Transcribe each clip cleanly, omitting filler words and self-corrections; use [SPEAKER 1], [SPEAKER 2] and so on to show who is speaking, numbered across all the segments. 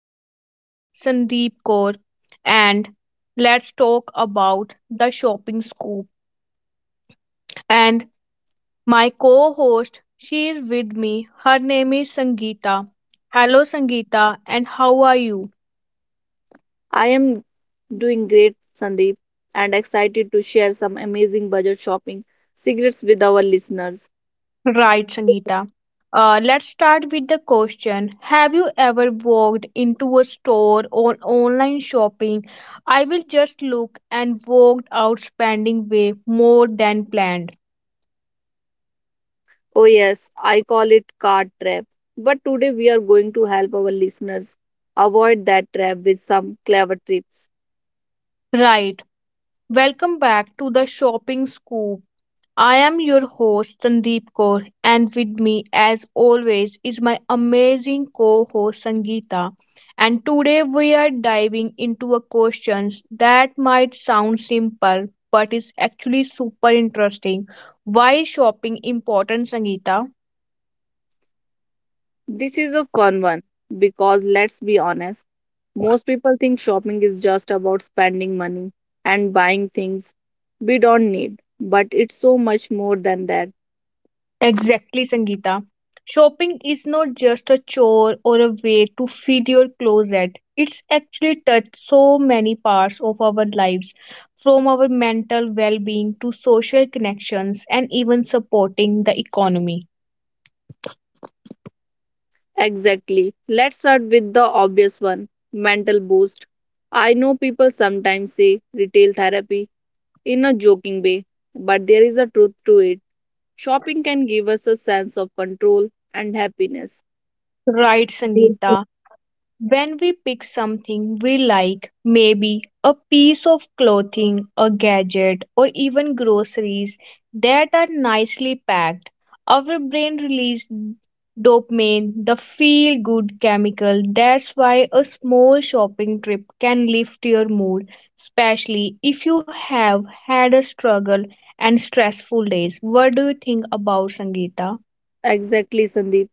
[SPEAKER 1] your host, Sandeep Kaur, and let's talk about the shopping scoop. And my co host, she is with me. Her name is Sangeeta. Hello, Sangeeta, and how are you?
[SPEAKER 2] I am doing great, Sandeep, and excited to share some amazing budget shopping secrets with our listeners.
[SPEAKER 1] Right, Sangeeta. Let's start with the question. Have you ever walked into a store or online shopping? I will just look and walked out spending way more than planned.
[SPEAKER 2] Oh, yes, I call it card trap. But today we are going to help our listeners avoid that trap with some clever tips.
[SPEAKER 1] Right. Welcome back to the shopping scoop. I am your host Sandeep Kaur, and with me, as always, is my amazing co-host Sangeeta. And today we are diving into a questions that might sound simple, but is actually super interesting. Why is shopping important, Sangeeta?
[SPEAKER 2] This is a fun one because let's be honest, most people think shopping is just about spending money and buying things we don't need, but it's so much more than that.
[SPEAKER 1] Exactly, Sangeeta. Shopping is not just a chore or a way to feed your closet. It's actually touched so many parts of our lives, from our mental well being to social connections and even supporting the economy.
[SPEAKER 2] Exactly. Let's start with the obvious one, mental boost. I know people sometimes say retail therapy in a joking way, but there is a truth to it. Shopping can give us a sense of control and happiness.
[SPEAKER 1] Right,
[SPEAKER 2] Yes.
[SPEAKER 1] Sangeeta. When we pick something we like, maybe a piece of clothing, a gadget, or even groceries that are nicely packed, our brain releases dopamine, the feel good chemical. That's why a small shopping trip can lift your mood, especially if you have had a struggle and stressful days. What do you think about Sangeeta?
[SPEAKER 2] Exactly, Sandeep.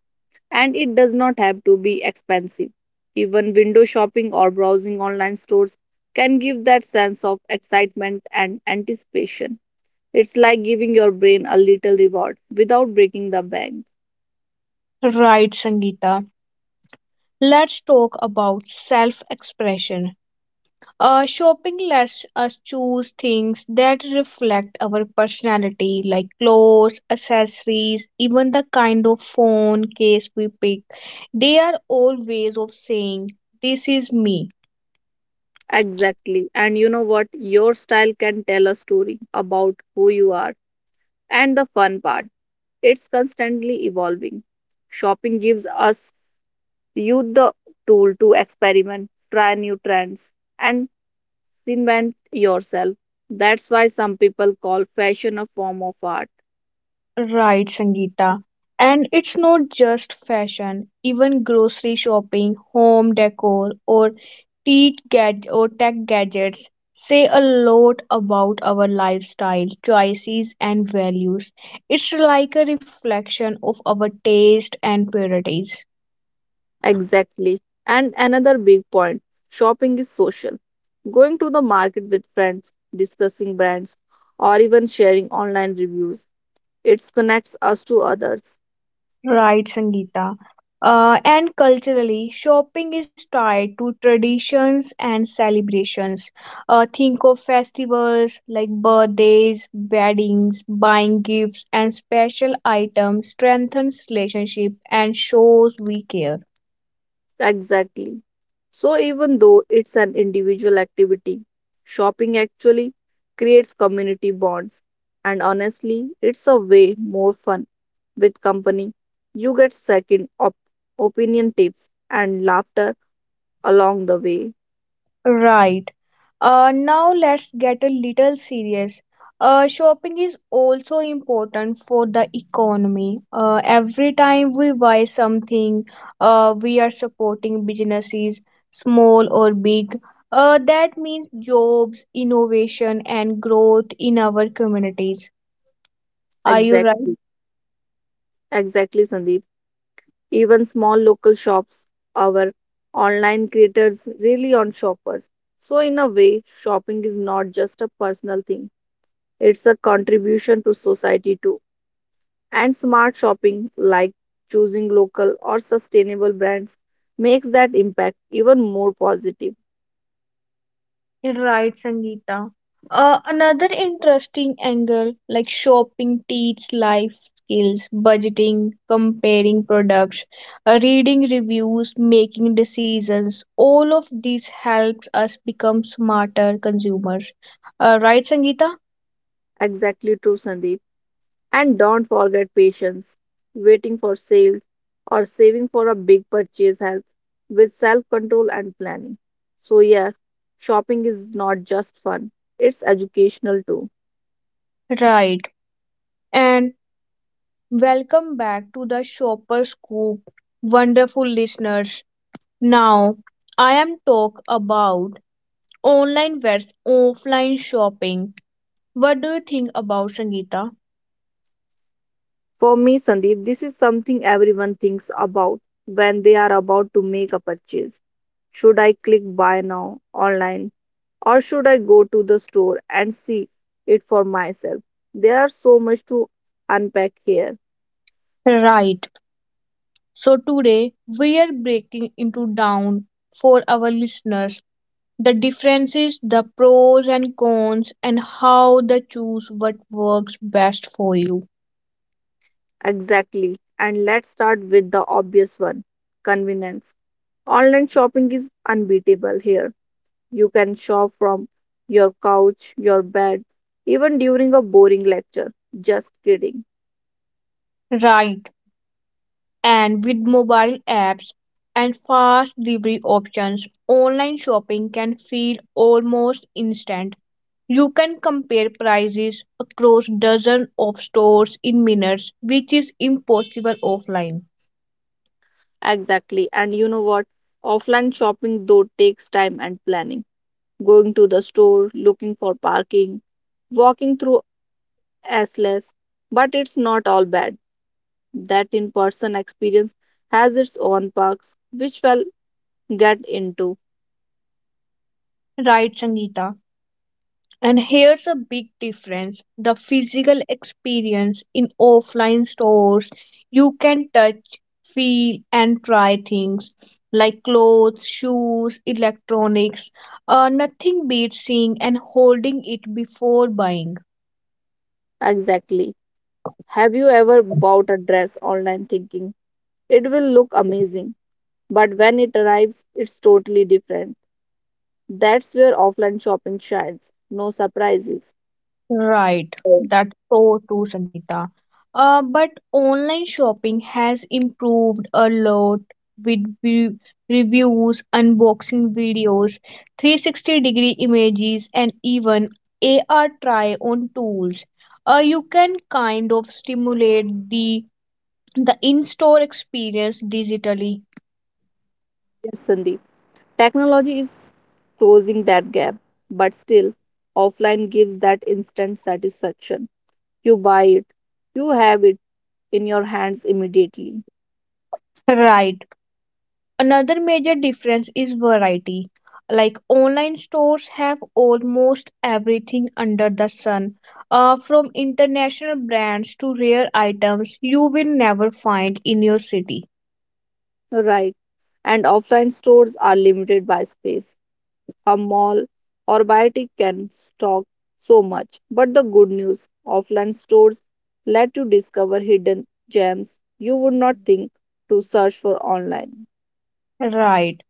[SPEAKER 2] And it does not have to be expensive. Even window shopping or browsing online stores can give that sense of excitement and anticipation. It's like giving your brain a little reward without breaking the bank.
[SPEAKER 1] Right, Sangeeta. Let's talk about self expression. Shopping lets us choose things that reflect our personality, like clothes, accessories, even the kind of phone case we pick. They are all ways of saying, this is me.
[SPEAKER 2] Exactly. And you know what? Your style can tell a story about who you are. And the fun part, it's constantly evolving. Shopping gives us you the tool to experiment, try new trends, and reinvent yourself. That's why some people call fashion a form of art.
[SPEAKER 1] Right, Sangeeta. And it's not just fashion, even grocery shopping, home decor, or or tech gadgets say a lot about our lifestyle, choices, and values. It's like a reflection of our taste and priorities.
[SPEAKER 2] Exactly. And another big point, shopping is social. Going to the market with friends, discussing brands, or even sharing online reviews, it connects us to others.
[SPEAKER 1] Right, Sangeeta. And culturally, shopping is tied to traditions and celebrations. Think of festivals like birthdays, weddings, buying gifts, and special items strengthens relationship and shows we care.
[SPEAKER 2] Exactly. So, even though it's an individual activity, shopping actually creates community bonds. And honestly, it's a way more fun with company. You get second opinion tips and laughter along the way.
[SPEAKER 1] Right. Now let's get a little serious. Shopping is also important for the economy. Every time we buy something, we are supporting businesses, small or big. That means jobs, innovation, and growth in our communities. Are you right?
[SPEAKER 2] Exactly. Exactly, Sandeep. Even small local shops, our online creators really on shoppers. So, in a way, shopping is not just a personal thing, it's a contribution to society too. And smart shopping, like choosing local or sustainable brands, makes that impact even more positive.
[SPEAKER 1] Right, Sangeeta. Another interesting angle like shopping teach life skills, budgeting, comparing products, reading reviews, making decisions. All of these helps us become smarter consumers. Right, Sangeeta?
[SPEAKER 2] Exactly true, Sandeep. And don't forget patience. Waiting for sales or saving for a big purchase helps with self control and planning. So, yes, shopping is not just fun, it's educational too.
[SPEAKER 1] Right. And welcome back to the Shopper Scoop, wonderful listeners. Now, I am talk about online versus offline shopping. What do you think about Sangeeta?
[SPEAKER 2] For me, Sandeep, this is something everyone thinks about when they are about to make a purchase. Should I click buy now online or should I go to the store and see it for myself? There are so much to unpack here.
[SPEAKER 1] Right. So today we are breaking into down for our listeners the differences, the pros and cons, and how to choose what works best for you.
[SPEAKER 2] Exactly. And let's start with the obvious one, convenience. Online shopping is unbeatable here. You can shop from your couch, your bed, even during a boring lecture. Just kidding.
[SPEAKER 1] Right. And with mobile apps and fast delivery options, online shopping can feel almost instant. You can compare prices across dozens of stores in minutes, which is impossible offline.
[SPEAKER 2] Exactly. And you know what? Offline shopping though takes time and planning. Going to the store, looking for parking, walking through Assless. But it's not all bad. That in person experience has its own perks, which we'll get into.
[SPEAKER 1] Right, Sangeeta. And here's a big difference the physical experience in offline stores. You can touch, feel, and try things like clothes, shoes, electronics. Nothing beats seeing and holding it before buying.
[SPEAKER 2] Exactly. Have you ever bought a dress online thinking it will look amazing? But when it arrives, it's totally different. That's where offline shopping shines. No surprises.
[SPEAKER 1] Right,
[SPEAKER 2] Right.
[SPEAKER 1] that's so true, Sangeeta. But online shopping has improved a lot with reviews, unboxing videos, 360 degree images, and even AR try on tools. You can kind of stimulate the in-store experience digitally.
[SPEAKER 2] Yes, Sandeep. Technology is closing that gap, but still, offline gives that instant satisfaction. You buy it, you have it in your hands immediately.
[SPEAKER 1] Right. Another major difference is variety. Like online stores have almost everything under the sun, from international brands to rare items you will never find in your city.
[SPEAKER 2] Right. And offline stores are limited by space. A mall or boutique can stock so much. But the good news, offline stores let you discover hidden gems you would not think to search for online.
[SPEAKER 1] Right.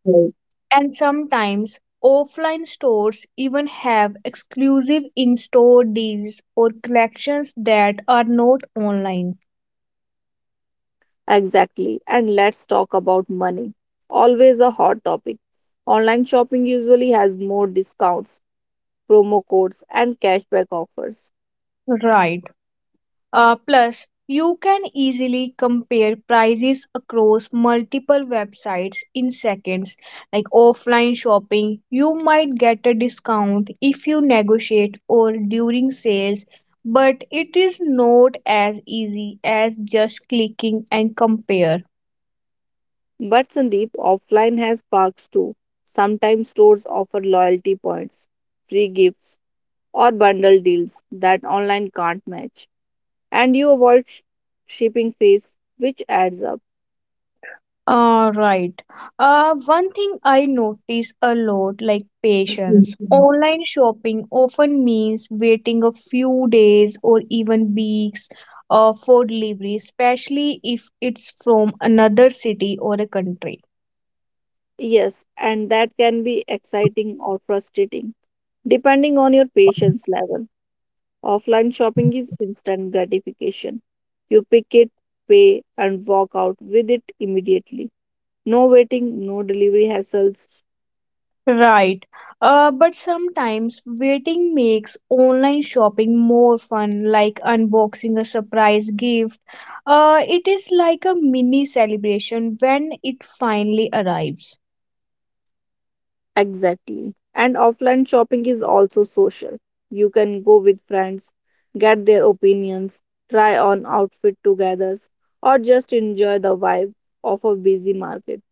[SPEAKER 1] And sometimes offline stores even have exclusive in store deals or collections that are not online.
[SPEAKER 2] Exactly. And let's talk about money. Always a hot topic. Online shopping usually has more discounts, promo codes, and cashback offers.
[SPEAKER 1] Right. Plus, you can easily compare prices across multiple websites in seconds. Like offline shopping, you might get a discount if you negotiate or during sales, but it is not as easy as just clicking and compare.
[SPEAKER 2] But Sandeep, offline has perks too. Sometimes stores offer loyalty points, free gifts, or bundle deals that online can't match. And you avoid shipping fees, which adds up.
[SPEAKER 1] All right. One thing I notice a lot, like patience. Online shopping often means waiting a few days or even weeks for delivery, especially if it's from another city or a country.
[SPEAKER 2] Yes, and that can be exciting or frustrating, depending on your patience level. Offline shopping is instant gratification. You pick it, pay, and walk out with it immediately. No waiting, no delivery hassles.
[SPEAKER 1] Right. But sometimes waiting makes online shopping more fun, like unboxing a surprise gift. It is like a mini celebration when it finally arrives.
[SPEAKER 2] Exactly. And offline shopping is also social. You can go with friends, get their opinions, try on outfit together, or just enjoy the vibe of a busy market.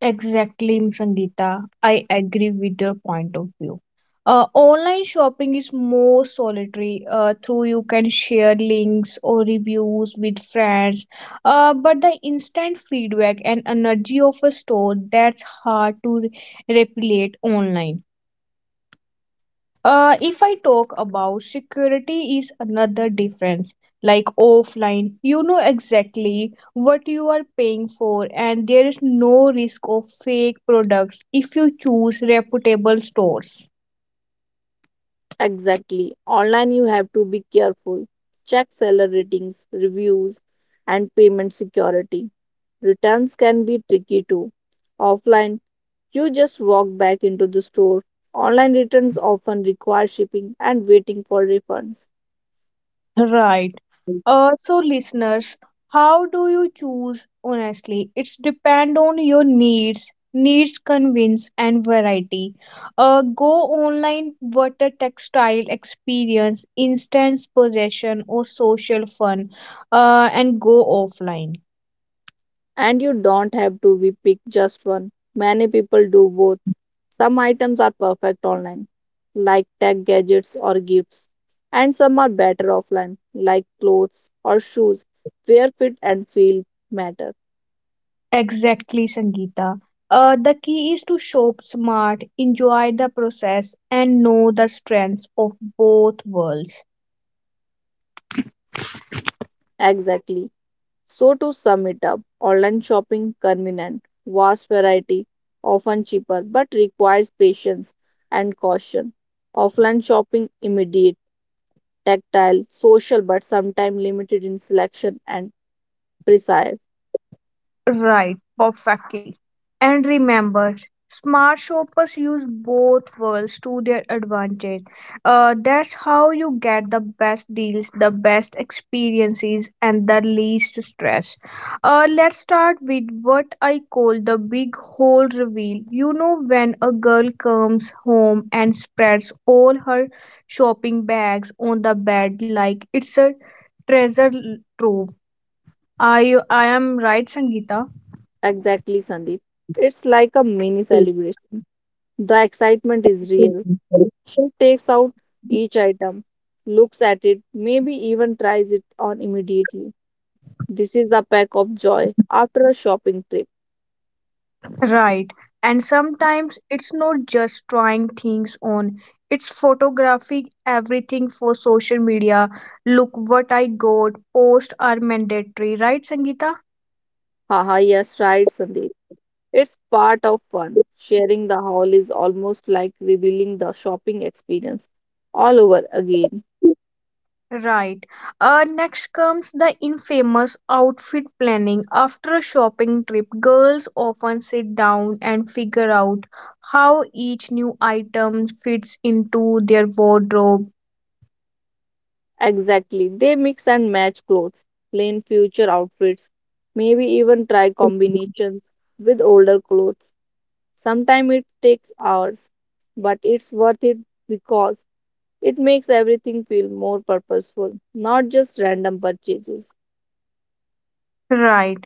[SPEAKER 1] Exactly, Sangeeta. I agree with your point of view. Online shopping is more solitary. Through you can share links or reviews with friends. But the instant feedback and energy of a store that's hard to replicate online. If I talk about security is another difference. Like offline, you know exactly what you are paying for, and there is no risk of fake products if you choose reputable stores.
[SPEAKER 2] Exactly. Online, you have to be careful. Check seller ratings, reviews, and payment security. Returns can be tricky too. Offline, you just walk back into the store. Online returns often require shipping and waiting for refunds.
[SPEAKER 1] Right. So listeners, how do you choose? Honestly, it's depend on your needs convince and variety. Go online water textile experience, instant possession or social fun, and go offline.
[SPEAKER 2] And you don't have to be pick just one. Many people do both. Some items are perfect online, like tech gadgets or gifts, and some are better offline, like clothes or shoes, where fit and feel matter.
[SPEAKER 1] Exactly, Sangeeta. The key is to shop smart, enjoy the process, and know the strengths of both worlds.
[SPEAKER 2] Exactly. So, to sum it up, online shopping convenient, vast variety, often cheaper, but requires patience and caution. Offline shopping immediate, tactile, social, but sometimes limited in selection and precise.
[SPEAKER 1] Right, perfectly. And remember, smart shoppers use both worlds to their advantage. That's how you get the best deals, the best experiences, and the least stress. Let's start with what I call the big hole reveal. You know, when a girl comes home and spreads all her shopping bags on the bed like it's a treasure trove. I I am right, Sangeeta?
[SPEAKER 2] Exactly, Sandeep. It's like a mini celebration. The excitement is real. She takes out each item, looks at it, maybe even tries it on immediately. This is a pack of joy after a shopping trip.
[SPEAKER 1] Right. And sometimes it's not just trying things on, it's photographing everything for social media. Look what I got. Posts are mandatory, right, Sangeeta?
[SPEAKER 2] Haha, yes, right, Sandeep. It's part of fun. Sharing the haul is almost like revealing the shopping experience all over again.
[SPEAKER 1] Right. Next comes the infamous outfit planning. After a shopping trip, girls often sit down and figure out how each new item fits into their wardrobe.
[SPEAKER 2] Exactly. They mix and match clothes, plan future outfits, maybe even try combinations with older clothes. Sometimes it takes hours, but it's worth it because it makes everything feel more purposeful, not just random purchases.
[SPEAKER 1] Right.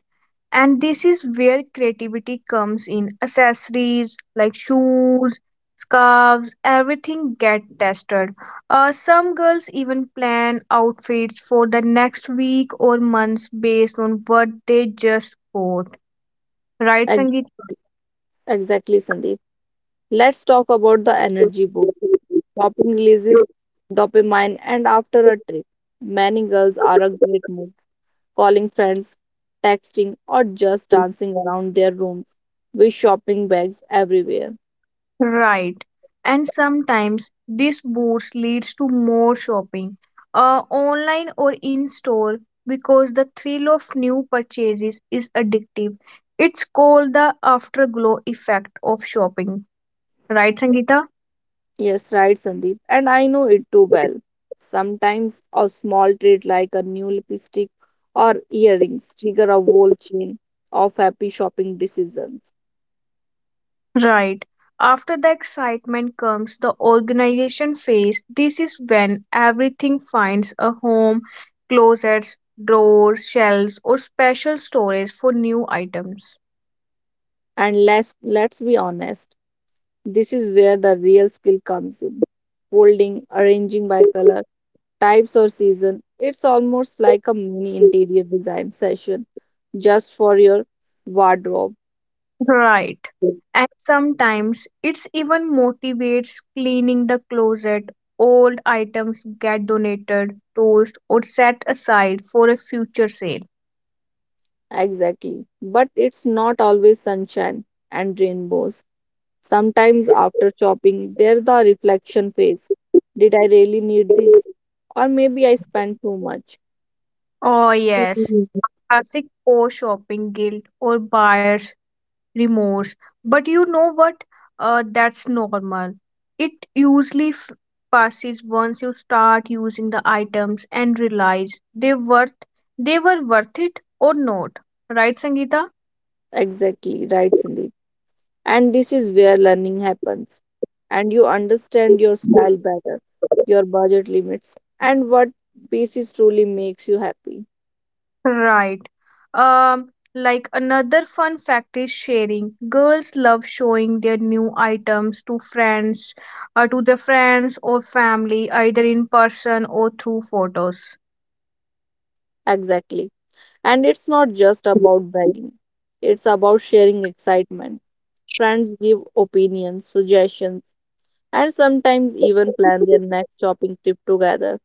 [SPEAKER 1] And this is where creativity comes in accessories like shoes scarves everything get tested, some girls even plan outfits for the next week or months based on what they just bought, right
[SPEAKER 2] Ex-
[SPEAKER 1] sangeet.
[SPEAKER 2] exactly, Sandeep. Let's talk about the energy boost. Shopping releases dopamine, and after a trip, many girls are a great mood, calling friends, texting, or just dancing around their rooms with shopping bags everywhere.
[SPEAKER 1] Right. And sometimes this boost leads to more shopping, online or in store, because the thrill of new purchases is addictive. It's called the afterglow effect of shopping. Right, Sangeeta?
[SPEAKER 2] Yes, right, Sandeep, and I know it too well. Sometimes a small treat like a new lipstick or earrings trigger a whole chain of happy shopping decisions.
[SPEAKER 1] Right. After the excitement comes the organization phase. This is when everything finds a home, closets, drawers, shelves, or special storage for new items.
[SPEAKER 2] And let's be honest, this is where the real skill comes in. Folding, arranging by color, types or season. It's almost like a mini interior design session just for your wardrobe.
[SPEAKER 1] Right. And sometimes it's even motivates cleaning the closet. Old items get donated, tossed, or set aside for a future sale.
[SPEAKER 2] Exactly. But it's not always sunshine and rainbows. Sometimes after shopping, there's the reflection phase. Did I really need this? Or maybe I spent too much.
[SPEAKER 1] Oh, yes.
[SPEAKER 2] Mhm.
[SPEAKER 1] Classic poor shopping guilt or buyer's remorse. But you know what? That's normal. It usually passes once you start using the items and realize they were worth it or not. Right, Sangeeta?
[SPEAKER 2] Exactly, right, Cindy. And this is where learning happens. And you understand your style better, your budget limits, and what pieces truly makes you happy.
[SPEAKER 1] Right. Um, like another fun fact is sharing. Girls love showing their new items to friends, to their friends or family, either in person or through photos.
[SPEAKER 2] Exactly. And it's not just about begging, it's about sharing excitement. Friends give opinions, suggestions, and sometimes even plan their next shopping trip together.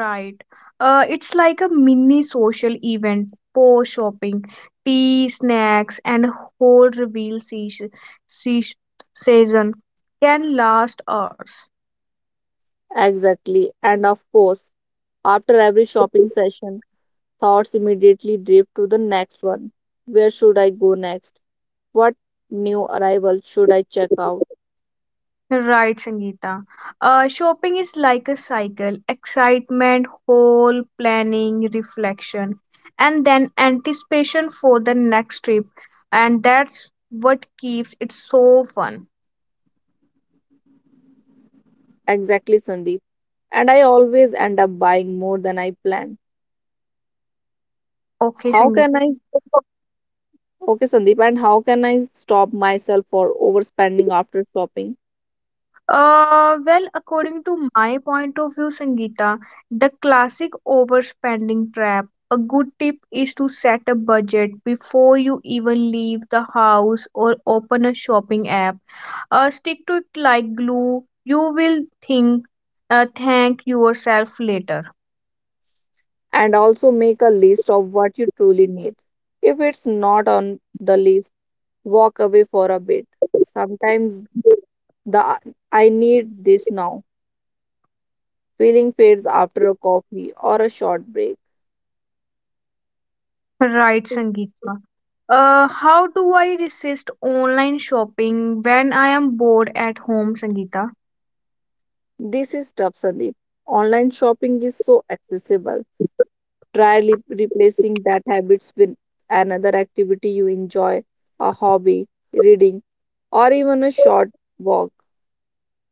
[SPEAKER 1] Right. It's like a mini social event, po shopping, tea, snacks, and whole reveal season can last hours.
[SPEAKER 2] Exactly. And of course, after every shopping session, thoughts immediately drift to the next one. Where should I go next? What new arrivals should I check out?
[SPEAKER 1] Right, Sangeeta. Shopping is like a cycle excitement, haul, planning, reflection, and then anticipation for the next trip. And that's what keeps it so fun.
[SPEAKER 2] Exactly, Sandeep. And I always end up buying more than I planned.
[SPEAKER 1] Okay,
[SPEAKER 2] How
[SPEAKER 1] Sangeeta.
[SPEAKER 2] can I? Okay, Sandeep, and how can I stop myself for overspending after shopping?
[SPEAKER 1] Well, according to my point of view, Sangeeta, the classic overspending trap. A good tip is to set a budget before you even leave the house or open a shopping app, stick to it like glue. You will think, thank yourself later.
[SPEAKER 2] And also make a list of what you truly need. If it's not on the list, walk away for a bit. Sometimes the I need this now feeling fades after a coffee or a short break.
[SPEAKER 1] Right, Sangeeta. How do I resist online shopping when I am bored at home, Sangeeta?
[SPEAKER 2] This is tough, Sandeep. Online shopping is so accessible. Try replacing that habits with another activity you enjoy, a hobby, reading, or even a short walk.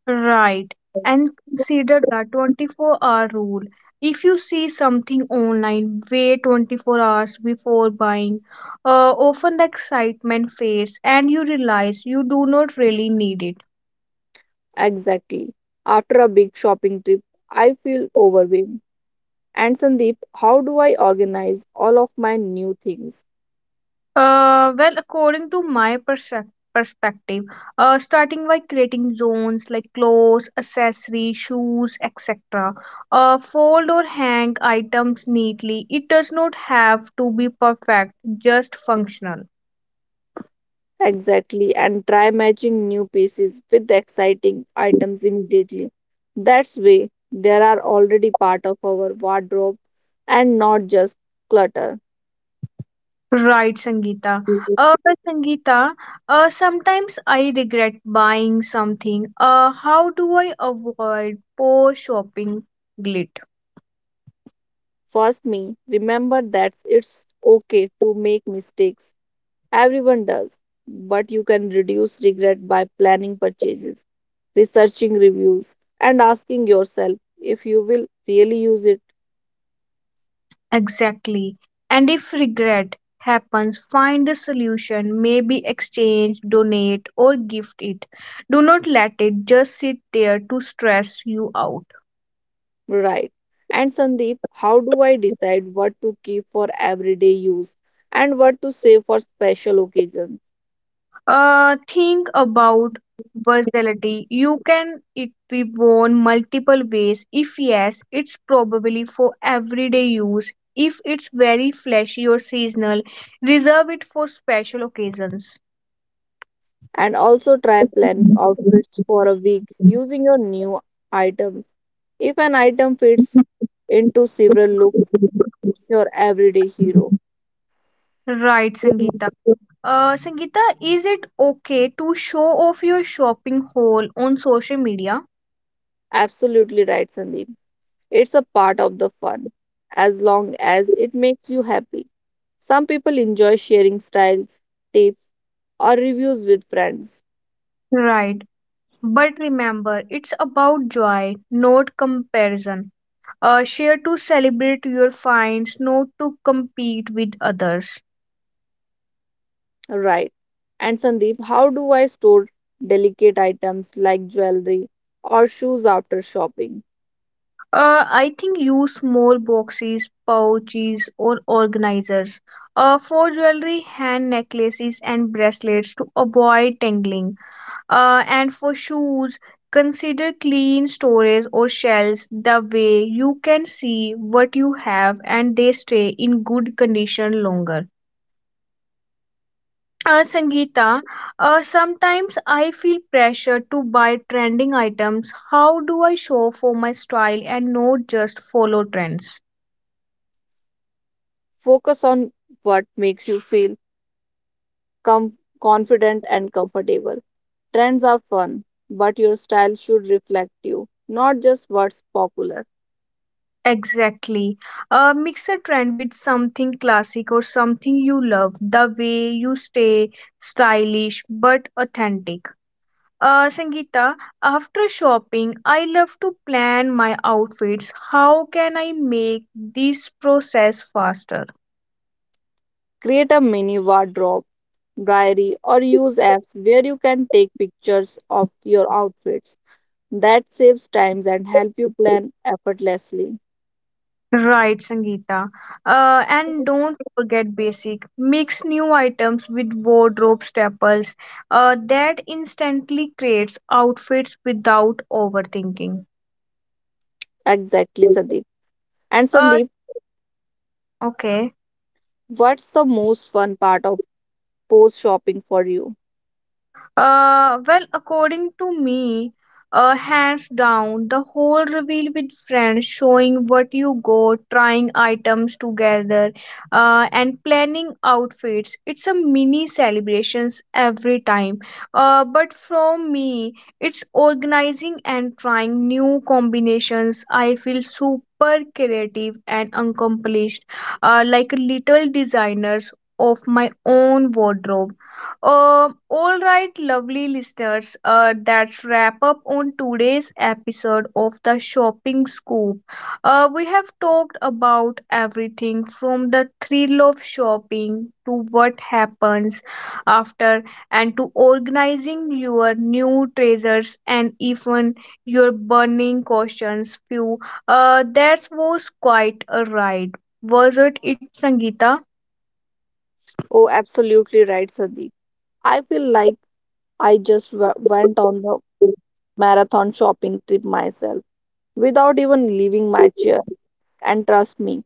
[SPEAKER 1] Right. And consider the 24-hour rule. If you see something online, wait 24 hours before buying. Often the excitement fades and you realize you do not really need it.
[SPEAKER 2] Exactly. After a big shopping trip, I feel overwhelmed. And Sandeep, how do I organize all of my new things?
[SPEAKER 1] Well, according to my perspective, starting by creating zones like clothes, accessories, shoes, etc. Fold or hang items neatly. It does not have to be perfect, just functional.
[SPEAKER 2] Exactly, and try matching new pieces with exciting items immediately. That's way they are already part of our wardrobe and not just clutter.
[SPEAKER 1] Right, Sangeeta.
[SPEAKER 2] Mhm.
[SPEAKER 1] But Sangeeta, sometimes I regret buying something. How do I avoid poor shopping guilt?
[SPEAKER 2] First me, remember that it's okay to make mistakes. Everyone does, but you can reduce regret by planning purchases, researching reviews, and asking yourself if you will really use it.
[SPEAKER 1] Exactly. And if regret happens, find a solution, maybe exchange, donate, or gift it. Do not let it just sit there to stress you out.
[SPEAKER 2] Right. And Sandeep, how do I decide what to keep for everyday use and what to save for special occasions?
[SPEAKER 1] Think about versatility. You can it be worn multiple ways. If yes, it's probably for everyday use. If it's very flashy or seasonal, reserve it for special occasions.
[SPEAKER 2] And also try planning outfits for a week using your new items. If an item fits into several looks, it's your everyday hero.
[SPEAKER 1] Right, Sangeeta. Sangeeta, is it okay to show off your shopping haul on social media?
[SPEAKER 2] Absolutely right, Sandeep. It's a part of the fun, as long as it makes you happy. Some people enjoy sharing styles, tips, or reviews with friends.
[SPEAKER 1] Right. But remember, it's about joy, not comparison. Share to celebrate your finds, not to compete with others.
[SPEAKER 2] Right. And Sandeep, how do I store delicate items like jewelry or shoes after shopping?
[SPEAKER 1] I think use small boxes, pouches, or organizers. For jewelry, hand necklaces and bracelets to avoid tangling. And for shoes, consider clean storage or shelves. The way you can see what you have and they stay in good condition longer. Sangeeta, sometimes I feel pressure to buy trending items. How do I show for my style and not just follow trends?
[SPEAKER 2] Focus on what makes you feel confident and comfortable. Trends are fun, but your style should reflect you, not just what's popular.
[SPEAKER 1] Exactly. Mix a trend with something classic or something you love. The way you stay stylish but authentic. Sangeeta, after shopping, I love to plan my outfits. How can I make this process faster?
[SPEAKER 2] Create a mini wardrobe, diary, or use apps where you can take pictures of your outfits that saves times and help you plan effortlessly.
[SPEAKER 1] Right, Sangeeta. And don't forget basic. Mix new items with wardrobe staples. That instantly creates outfits without overthinking.
[SPEAKER 2] Exactly, Sandeep. And
[SPEAKER 1] Uh,
[SPEAKER 2] Sandeep,
[SPEAKER 1] okay.
[SPEAKER 2] what's the most fun part of post shopping for you?
[SPEAKER 1] Well, according to me, hands down, the whole reveal with friends, showing what you got, trying items together, and planning outfits. It's a mini celebrations every time. But from me, it's organizing and trying new combinations. I feel super creative and accomplished, like little designers of my own wardrobe. Um, all right, lovely listeners, that's wrap up on today's episode of the Shopping Scoop. We have talked about everything from the thrill of shopping to what happens after and to organizing your new treasures and even your burning questions. Few, that was quite a ride, was it? It Sangeeta.
[SPEAKER 2] Oh, absolutely right, Sandeep. I feel like I just went on the marathon shopping trip myself without even leaving my chair. And trust me,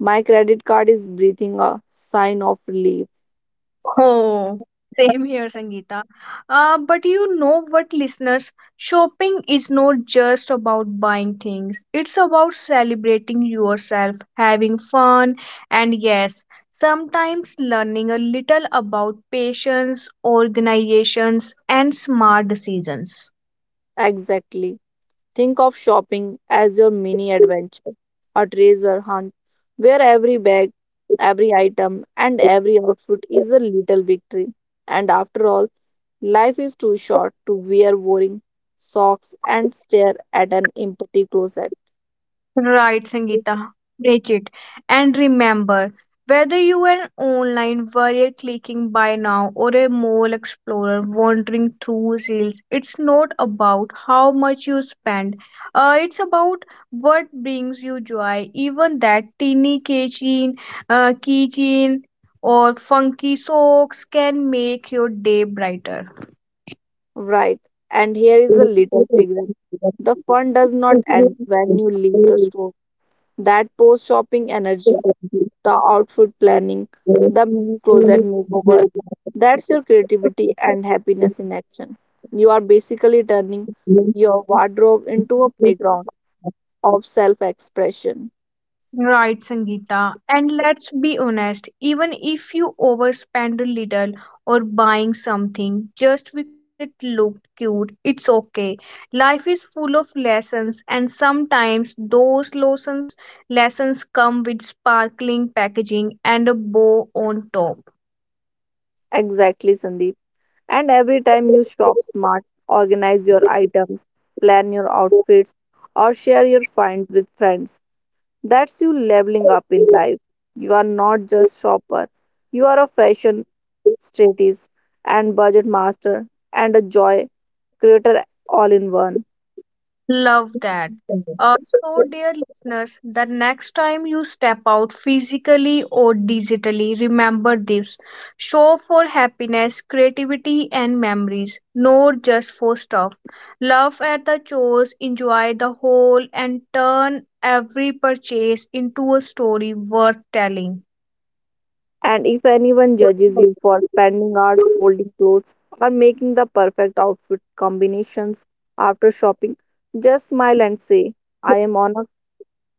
[SPEAKER 2] my credit card is breathing a sign of relief.
[SPEAKER 1] Oh, same here, Sangeeta. But you know what, listeners? Shopping is not just about buying things, it's about celebrating yourself, having fun, and yes, sometimes learning a little about patience, organizations, and smart decisions.
[SPEAKER 2] Exactly. Think of shopping as your mini adventure, a treasure hunt, where every bag, every item, and every outfit is a little victory. And after all, life is too short to wear boring socks and stare at an empty closet.
[SPEAKER 1] Right, Sangeeta. Break it. And remember, whether you are an online warrior clicking buy now or a mall explorer wandering through sales, it's not about how much you spend. It's about what brings you joy. Even that teeny keychain or funky socks can make your day brighter.
[SPEAKER 2] Right, and here is a little secret. The fun does not end when you leave the store. That post shopping energy, the outfit planning, the mini closet
[SPEAKER 1] Right,
[SPEAKER 2] makeover. That's your creativity and happiness in action. You are basically turning your wardrobe into a playground of self expression.
[SPEAKER 1] Sangeeta. And let's be honest, even if you overspend a little or buying something just because it looked cute, it's okay. Life is full of lessons, and sometimes those lessons lessons come with sparkling packaging and a bow on top.
[SPEAKER 2] Exactly, Sandeep. And every time you shop smart, organize your items, plan your outfits, or share your finds with friends, that's you leveling up in life. You are not just shopper, you are a fashion strategist and budget master and a joy creator all in one.
[SPEAKER 1] Love that.
[SPEAKER 2] Mhm.
[SPEAKER 1] So, dear listeners, the next time you step out physically or digitally, remember this show for happiness, creativity, and memories, not just for stuff. Love at the chores, enjoy the whole, and turn every purchase into a story worth telling.
[SPEAKER 2] And if anyone judges you for spending hours folding clothes or making the perfect outfit combinations after shopping, just smile and say, I am on a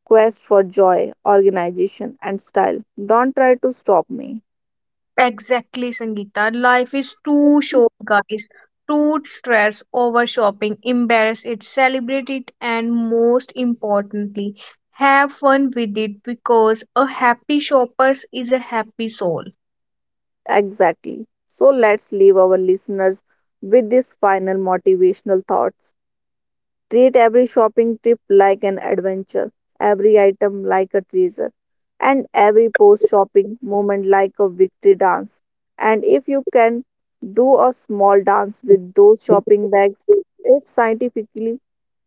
[SPEAKER 2] quest for joy, organization, and style. Don't try to stop me.
[SPEAKER 1] Exactly, Sangeeta. Life is too short, guys. Don't stress over shopping, embarrass it, celebrate it, and most importantly, have fun with it because a happy shopper is a happy soul.
[SPEAKER 2] Exactly. So let's leave our listeners with these final motivational thoughts. Treat every shopping trip like an adventure, every item like a treasure and every post shopping moment like a victory dance. And if you can do a small dance with those shopping bags, it's scientifically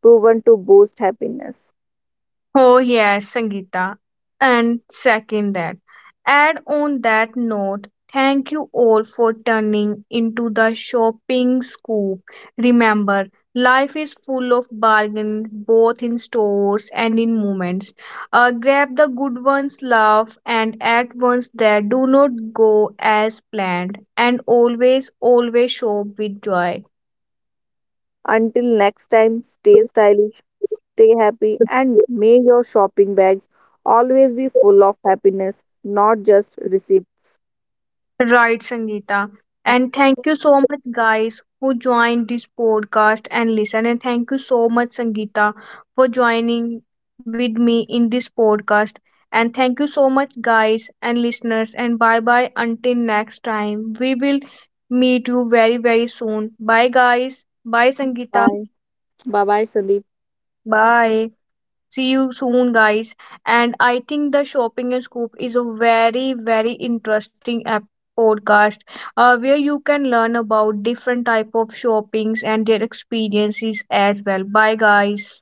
[SPEAKER 2] proven to boost happiness.
[SPEAKER 1] Oh yes, Sangeeta. And second that. Add on that note, thank you all for turning into the shopping scoop. Remember, life is full of bargains both in stores and in moments. Grab the good ones, laugh, and at ones that do not go as planned. And always, always shop with joy.
[SPEAKER 2] Until next time, stay stylish, stay happy, and may your shopping bags always be full of happiness, not just receipts.
[SPEAKER 1] Right, Sangeeta. And thank you so much, guys, who joined this podcast and listen. And thank you so much, Sangeeta, for joining with me in this podcast. And thank you so much, guys and listeners. And bye bye until next time. We will meet you very, very soon. Bye, guys. Bye, Sangeeta.
[SPEAKER 2] Bye. Bye bye, Sandeep.
[SPEAKER 1] Bye. See you soon, guys. And I think the shopping and scoop is a very, very interesting app podcast, where you can learn about different type of shoppings and their experiences as well. Bye, guys.